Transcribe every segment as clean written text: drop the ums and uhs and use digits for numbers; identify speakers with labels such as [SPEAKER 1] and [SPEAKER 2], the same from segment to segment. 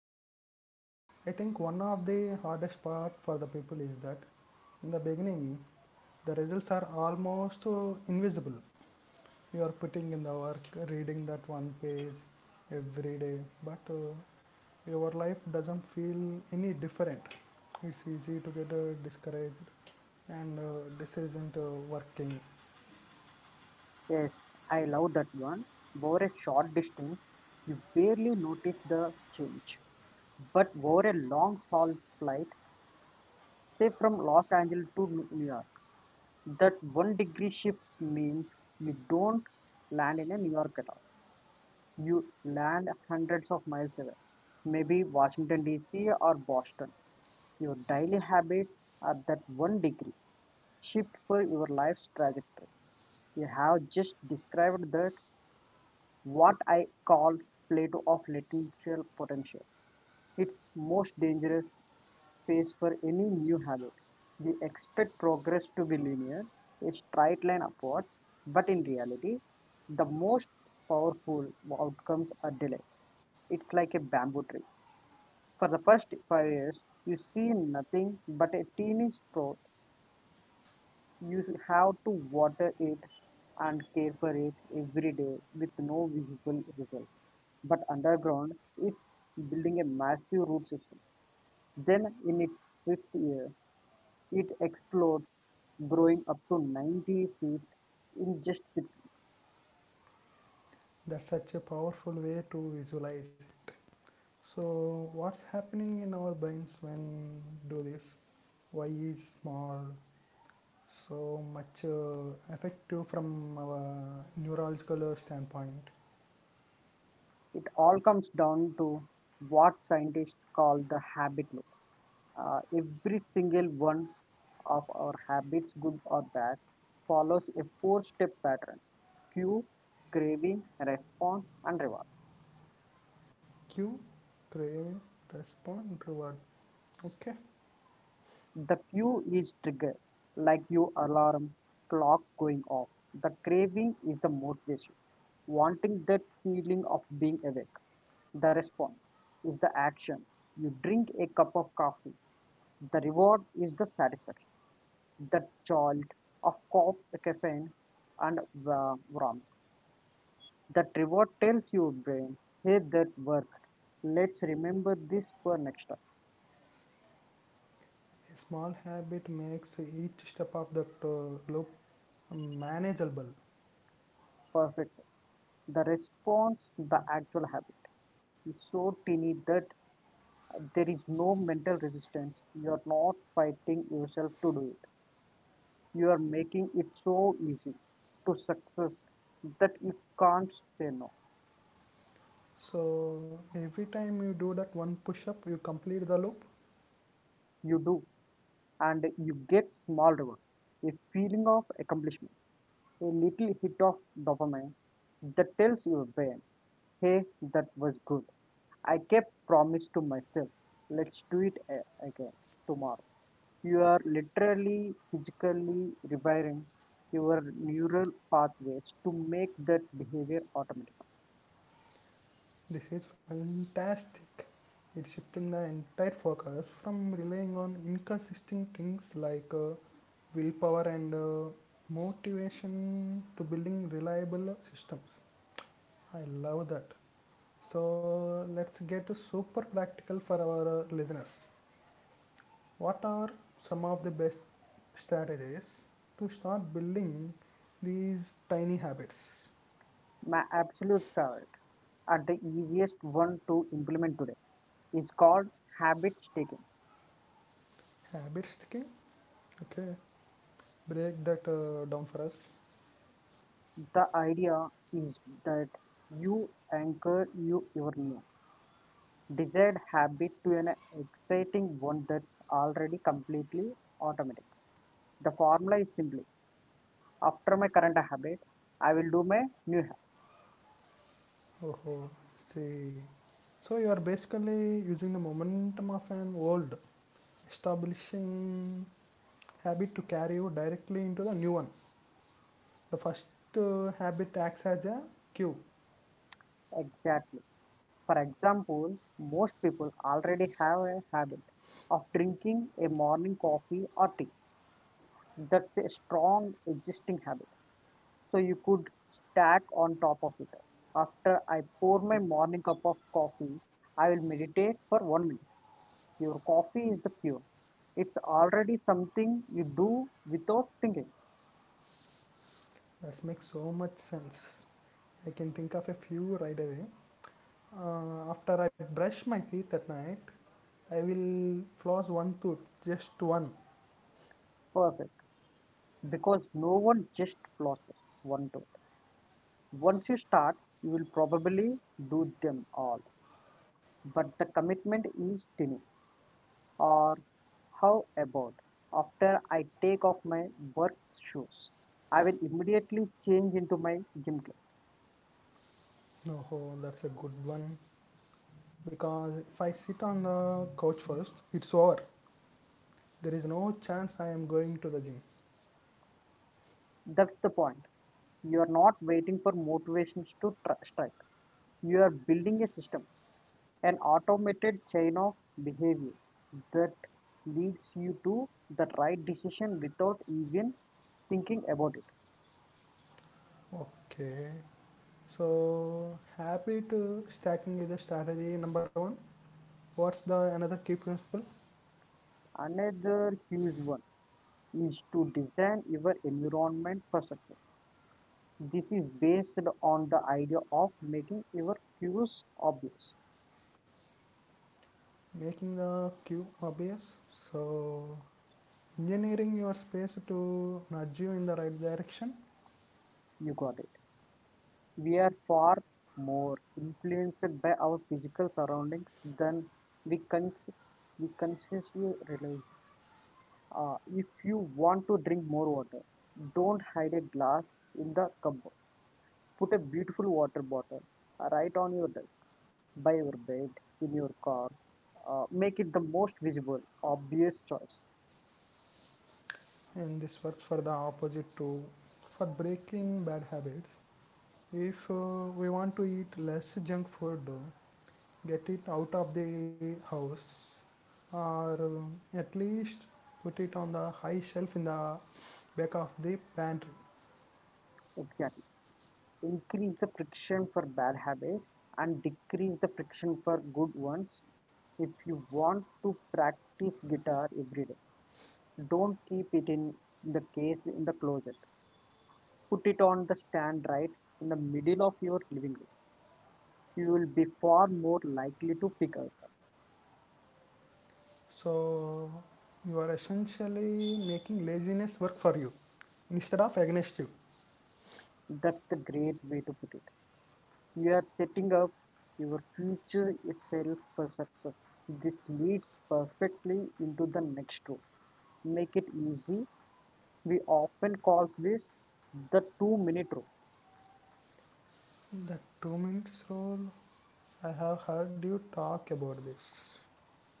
[SPEAKER 1] mathematically. But I think one of the hardest part for the people is that in the beginning, the results are almost invisible. You are putting in the work, reading that one page every day, but your life doesn't feel any different. It's easy to get discouraged, and this isn't working.
[SPEAKER 2] Yes, I love that one. Over a short distance, you barely notice the change. But over a long haul flight, say from Los Angeles to New York, that one degree shift means you don't land in a New York at all. You land hundreds of miles away, maybe Washington D.C. or Boston. Your daily habits are that one degree shift for your life's trajectory. You have just described that what I call plateau of lateral potential. It's most dangerous phase for any new habit. We expect progress to be linear, a straight line upwards, but in reality, the most powerful outcomes are delayed. It's like a bamboo tree. For the first 5 years, you see nothing but a teeny sprout. You have to water it and care for it every day with no visible result. But underground, it's building a massive root system. Then, in its fifth year, it explodes, growing up to 90 feet in just 6 weeks.
[SPEAKER 1] That's such a powerful way to visualize it. So, what's happening in our brains when do this? Why is small so much effective from our neurological standpoint?
[SPEAKER 2] It all comes down to what scientists call the habit loop. Every single one of our habits, good or bad, follows a four step pattern: cue, craving, response, and reward.
[SPEAKER 1] Cue, crave, respond, reward. Okay. A
[SPEAKER 2] The cue is trigger, like your alarm clock going off. The craving is the motivation, wanting that feeling of being awake. The response is the action. You drink a cup of coffee. The reward is the satisfaction, the jolt of caffeine, and warmth. That reward tells your brain, hey, that worked. Let's remember this for next time.
[SPEAKER 1] small habit makes each step of that loop manageable.
[SPEAKER 2] Perfect. The response, the actual habit, is so tiny that there is no mental resistance. You are not fighting yourself to do it. You are making it so easy to success that you can't say no.
[SPEAKER 1] So every time you do that one push up, you complete the loop.
[SPEAKER 2] You do, and you get small reward, a feeling of accomplishment, a little hit of dopamine that tells your brain, hey, that was good. I kept promise to myself. Let's do it again tomorrow. You are literally physically rewiring your neural pathways to make that behavior automatic.
[SPEAKER 1] This is fantastic. It's shifting the entire focus from relying on inconsistent things like willpower and motivation to building reliable systems. I love that. So let's get super practical for our listeners. What are some of the best strategies to start building these tiny habits?
[SPEAKER 2] My absolute favorite and the easiest one to implement today is called habit stacking.
[SPEAKER 1] Habits, okay? Okay, break that down for us.
[SPEAKER 2] The idea is that you anchor your new desired habit to an exciting one that's already completely automatic. The formula is simply: after my current habit, I will do my new habit.
[SPEAKER 1] Oh, see. So you are basically using the momentum of an old establishing habit to carry you directly into the new one. The first habit acts as a cue.
[SPEAKER 2] Exactly. For example, most people already have a habit of drinking a morning coffee or tea. That's a strong existing habit. So you could stack on top of it. After I pour my morning cup of coffee, I will meditate for 1 minute. Your coffee is the pure. It's already something you do without thinking.
[SPEAKER 1] That makes so much sense. I can think of a few right away. After I brush my teeth at night, I will floss one tooth, just one.
[SPEAKER 2] Perfect. Because no one just pauses one thought. Once you start, you will probably do them all. But the commitment is tiny. Or how about, after I take off my work shoes, I will immediately change into my gym clothes.
[SPEAKER 1] No, oh, that's a good one. Because if I sit on the couch first, it's over. There is no chance I am going to the gym.
[SPEAKER 2] That's the point. You are not waiting for motivations to strike. You are building a system, an automated chain of behaviors that leads you to the right decision without even thinking about it.
[SPEAKER 1] Okay, so habit stacking is a strategy number one. What's the another key principle?
[SPEAKER 2] Another huge one is to design your environment for success. This is based on the idea of making your cues obvious.
[SPEAKER 1] Making the queue obvious, so engineering your space to nudge you in the right direction.
[SPEAKER 2] You got it. We are far more influenced by our physical surroundings than we, cons- we consciously realize. If you want to drink more water, don't hide a glass in the cupboard. Put a beautiful water bottle right on your desk, by your bed, in your car. Make it the most visible, obvious choice.
[SPEAKER 1] And this works for the opposite too, for breaking bad habits. If we want to eat less junk food, get it out of the house, or at least put it on the high shelf in the back of the pantry.
[SPEAKER 2] Exactly. Increase the friction for bad habits and decrease the friction for good ones. If you want to practice guitar every day, don't keep it in the case in the closet. Put it on the stand right in the middle of your living room. You will be far more likely to pick it up.
[SPEAKER 1] So you are essentially making laziness work for you instead of against you.
[SPEAKER 2] That's the great way to put it. You are setting up your future itself for success. This leads perfectly into the next rule: make it easy. We often call this the 2-minute rule.
[SPEAKER 1] The 2-minute rule, I have heard you talk about this.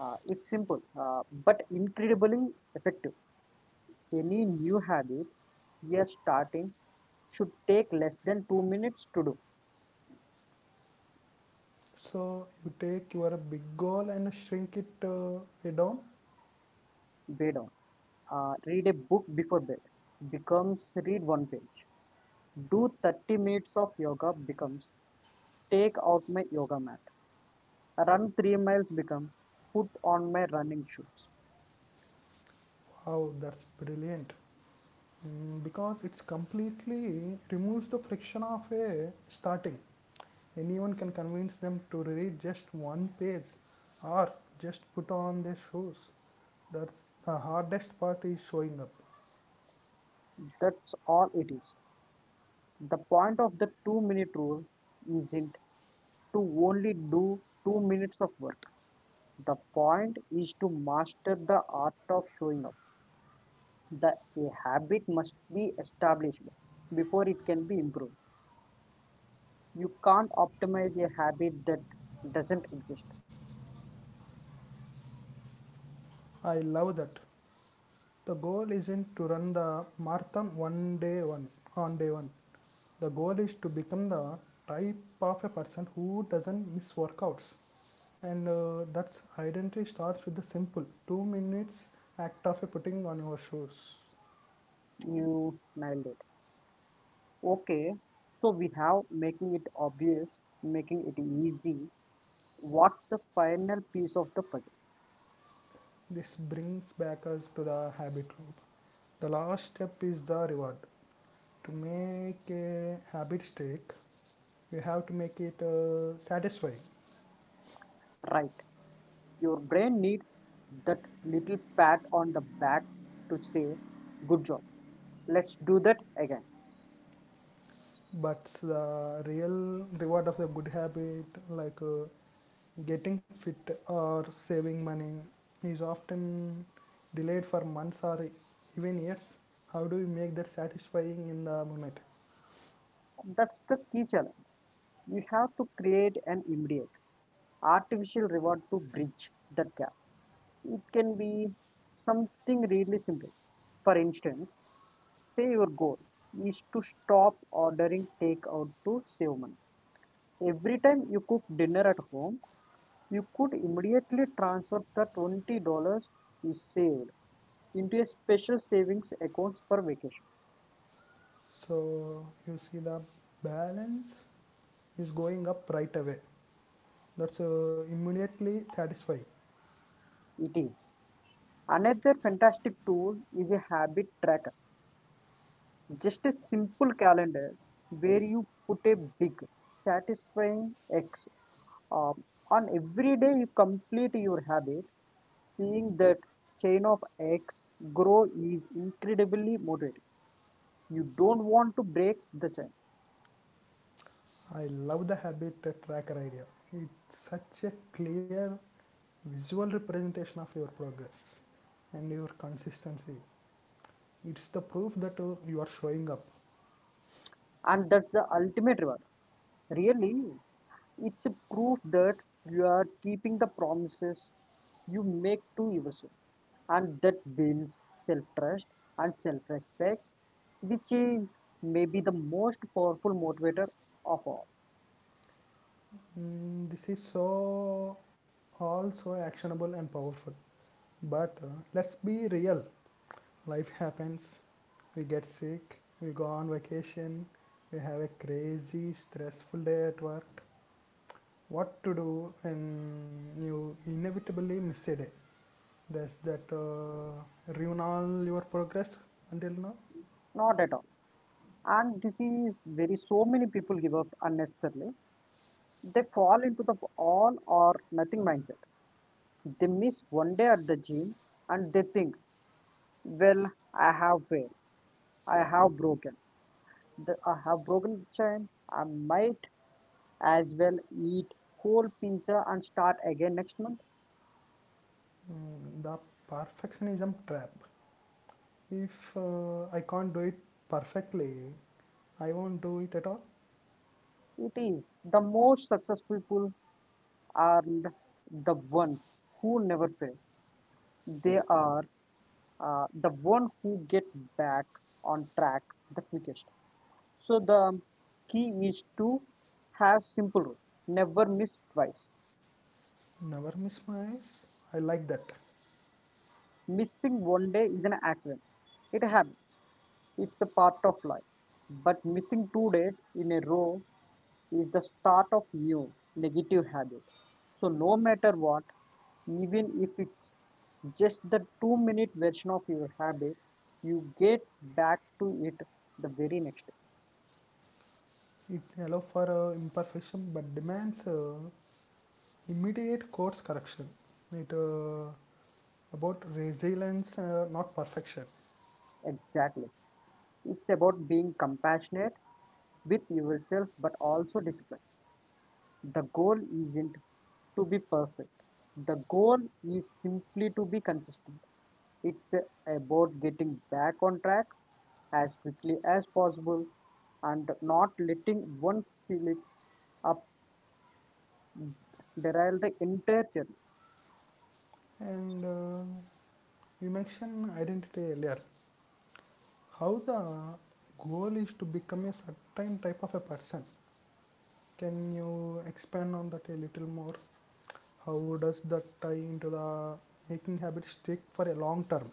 [SPEAKER 2] It's simple but incredibly effective. Any new habit you are starting should take less than 2 minutes to do.
[SPEAKER 1] So you take your big goal and shrink it down.
[SPEAKER 2] Bed on. Read a book before bed becomes read one page. Do 30 minutes of yoga becomes take out my yoga mat. Run 3 miles become put on my running shoes.
[SPEAKER 1] Wow, that's brilliant. Mm, because it's completely removes the friction of a starting. Anyone can convince them to read just one page or just put on their shoes. That's the hardest part is showing up.
[SPEAKER 2] That's all it is. The point of the 2-minute rule isn't to only do 2 minutes of work. The point is to master the art of showing up. The a habit must be established before it can be improved. You can't optimize a habit that doesn't exist.
[SPEAKER 1] I love that. The goal isn't to run the marathon one on day one. The goal is to become the type of a person who doesn't miss workouts. And that's identity starts with the simple 2-minute act of a putting on your shoes.
[SPEAKER 2] You nailed it. Okay, so we have making it obvious, making it easy. What's the final piece of the puzzle?
[SPEAKER 1] This brings back us to the habit loop. The last step is the reward. To make a habit stick, you have to make it satisfying.
[SPEAKER 2] Right. Your brain needs that little pat on the back to say, good job. Let's do that again.
[SPEAKER 1] But the real reward of the good habit like getting fit or saving money is often delayed for months or even years. How do you make that satisfying in the moment?
[SPEAKER 2] That's the key challenge. We have to create an immediate, artificial reward to bridge that gap. It can be something really simple. For instance, say your goal is to stop ordering takeout to save money. Every time you cook dinner at home, you could immediately transfer the $20 you saved into a special savings account for vacation.
[SPEAKER 1] So you see the balance is going up right away. That's immediately satisfying.
[SPEAKER 2] It is. Another fantastic tool is a habit tracker. Just a simple calendar where you put a big, satisfying X um, on every day you complete your habit. Seeing that chain of X grow is incredibly motivating. You don't want to break the chain.
[SPEAKER 1] I love the habit tracker idea. It's such a clear visual representation of your progress and your consistency. It's the proof that you are showing up.
[SPEAKER 2] And that's the ultimate reward, really. It's a proof that you are keeping the promises you make to yourself, and that builds self-trust and self-respect, which is maybe the most powerful motivator of all.
[SPEAKER 1] Mm, this is so also actionable and powerful. But let's be real. Life happens. We get sick. We go on vacation. We have a crazy, stressful day at work. What to do when you inevitably miss a day? There's that ruin all your progress until now.
[SPEAKER 2] Not at all. And this is very so many people give up unnecessarily. They fall into the all or nothing mindset. They miss one day at the gym and they think, well, I have failed. I have broken. I have broken the chain. I might as well eat whole pizza and start again next month.
[SPEAKER 1] Mm, the perfectionism trap. If I can't do it perfectly, I won't do it at all.
[SPEAKER 2] It is the most successful people are the ones who never fail. They are the one who get back on track the quickest. So the key is to have simple rule: never miss twice.
[SPEAKER 1] Never miss my eyes. I like that.
[SPEAKER 2] Missing one day is an accident. It happens. It's a part of life. But missing 2 days in a row is the start of new negative habit. So no matter what, even if it's just the 2-minute version of your habit, you get back to it the very next day.
[SPEAKER 1] It allows for imperfection but demands immediate course correction. It about resilience, not perfection.
[SPEAKER 2] Exactly. It's about being compassionate with yourself but also disciplined. The goal isn't to be perfect. The goal is simply to be consistent. It's about getting back on track as quickly as possible and not letting one slip up derail the entire journey.
[SPEAKER 1] And you mentioned identity earlier. How the goal is to become a certain type of a person. Can you expand on that a little more? How does that tie into the making habits stick for a long term?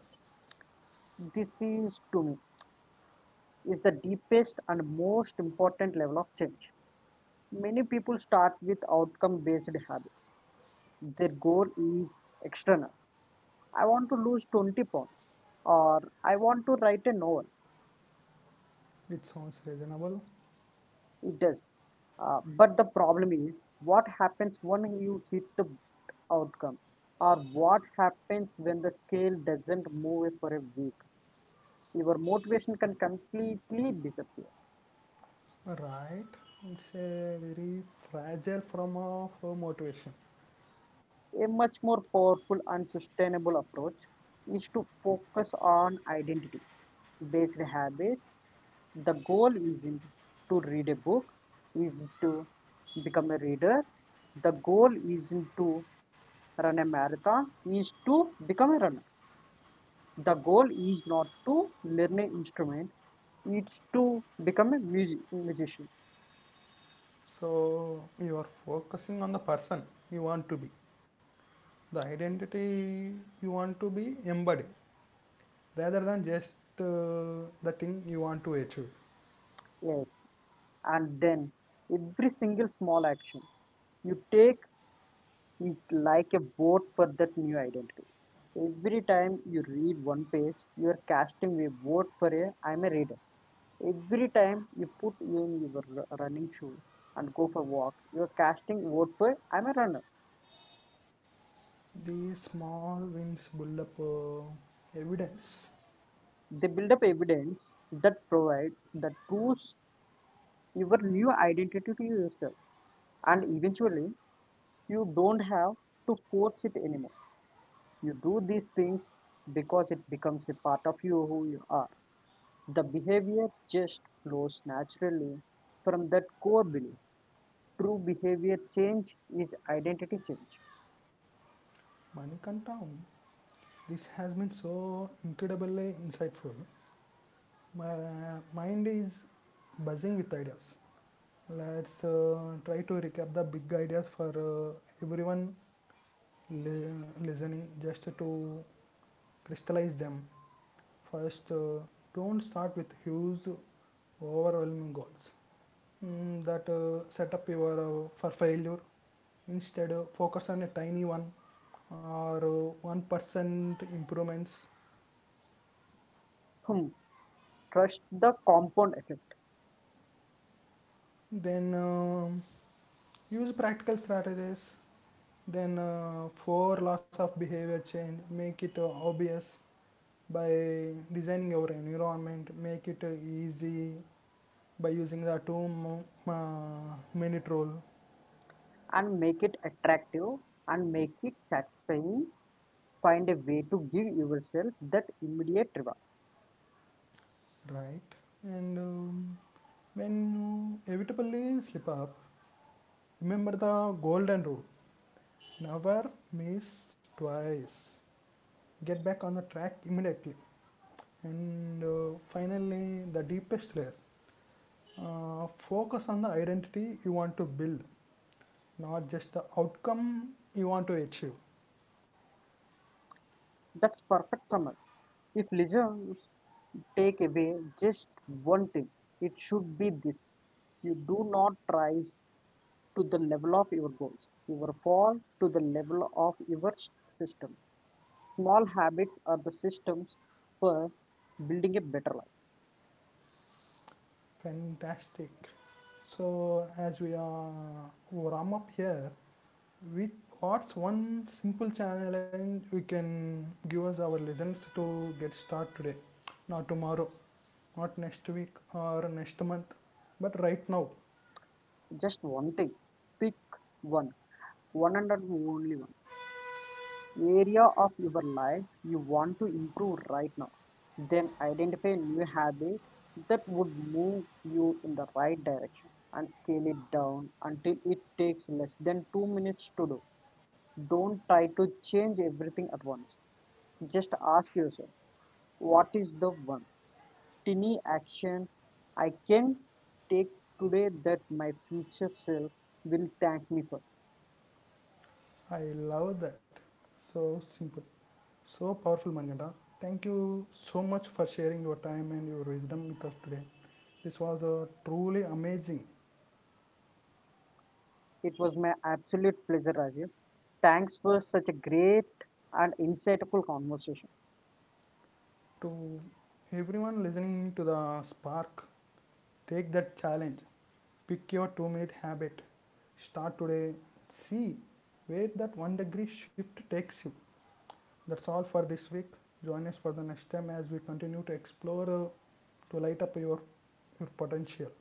[SPEAKER 2] This is to me is the deepest and most important level of change. Many people start with outcome based habits. Their goal is external: I want to lose 20 pounds or I want to write a novel.
[SPEAKER 1] It sounds reasonable,
[SPEAKER 2] It does. But the problem is, what happens when you hit the outcome, or what happens when the scale doesn't move for a week? Your motivation can completely disappear.
[SPEAKER 1] right? It's a very fragile form of motivation.
[SPEAKER 2] A much more powerful and sustainable approach is to focus on identity based habits. The goal isn't to read a book, is to become a reader. The goal isn't to run a marathon, is to become a runner. The goal is not to learn an instrument, it's to become a musician.
[SPEAKER 1] So you are focusing on the person you want to be, the identity you want to be embodied, rather than just the thing you want to achieve.
[SPEAKER 2] Yes. And then every single small action you take is like a vote for that new identity. Every time you read one page, you are casting a vote for a I'm a reader. Every time you put in your running shoe and go for a walk, you are casting vote for I'm a runner.
[SPEAKER 1] These small wins build up evidence.
[SPEAKER 2] They build up evidence that provide that proves your new identity to yourself, and eventually you don't have to force it anymore. You do these things because it becomes a part of you, who you are. The behavior just flows naturally from that core belief. True behavior change is identity change.
[SPEAKER 1] Manikanta, this has been so incredibly insightful. My mind is buzzing with ideas. Let's try to recap the big ideas for everyone listening just to crystallize them. First, don't start with huge, overwhelming goals mm, that set up your for failure. Instead, focus on a tiny one or 1% improvements.
[SPEAKER 2] Hmm. Trust the compound effect
[SPEAKER 1] Then use practical strategies. Then for loss of behavior change, make it obvious by designing your environment. Make it easy by using the two minute rule,
[SPEAKER 2] and make it attractive and make it satisfying. Find a way to give yourself that immediate reward.
[SPEAKER 1] right? And when you inevitably slip up, remember the golden rule, never miss twice. Get back on the track immediately, and finally the deepest layer, focus on the identity you want to build, not just the outcome you want to achieve.
[SPEAKER 2] That's perfect summary. If listeners take away just one thing, it should be this: you do not rise to the level of your goals, you fall to the level of your systems. Small habits are the systems for building a better life.
[SPEAKER 1] Fantastic. So as we are wrap up here with what's one simple challenge we can give us our listeners to get started today, not tomorrow, not next week or next month, but right now.
[SPEAKER 2] Just one thing. Pick one. One and only one. Area of your life you want to improve right now. Then identify a new habit that would move you in the right direction and scale it down until it takes less than 2 minutes to do. Don't try to change everything at once. Just ask yourself, what is the one tiny action I can take today that my future self will thank me for?
[SPEAKER 1] I love that. So simple, so powerful, Manikanta. Thank you so much for sharing your time and your wisdom with us today. This was truly amazing.
[SPEAKER 2] It was my absolute pleasure, Rajiv. Thanks for such a great and insightful conversation.
[SPEAKER 1] To everyone listening to the spark, take that challenge. Pick your 2-minute habit. Start today. See where that one degree shift takes you. That's all for this week. Join us for the next time as we continue to explore to light up your potential.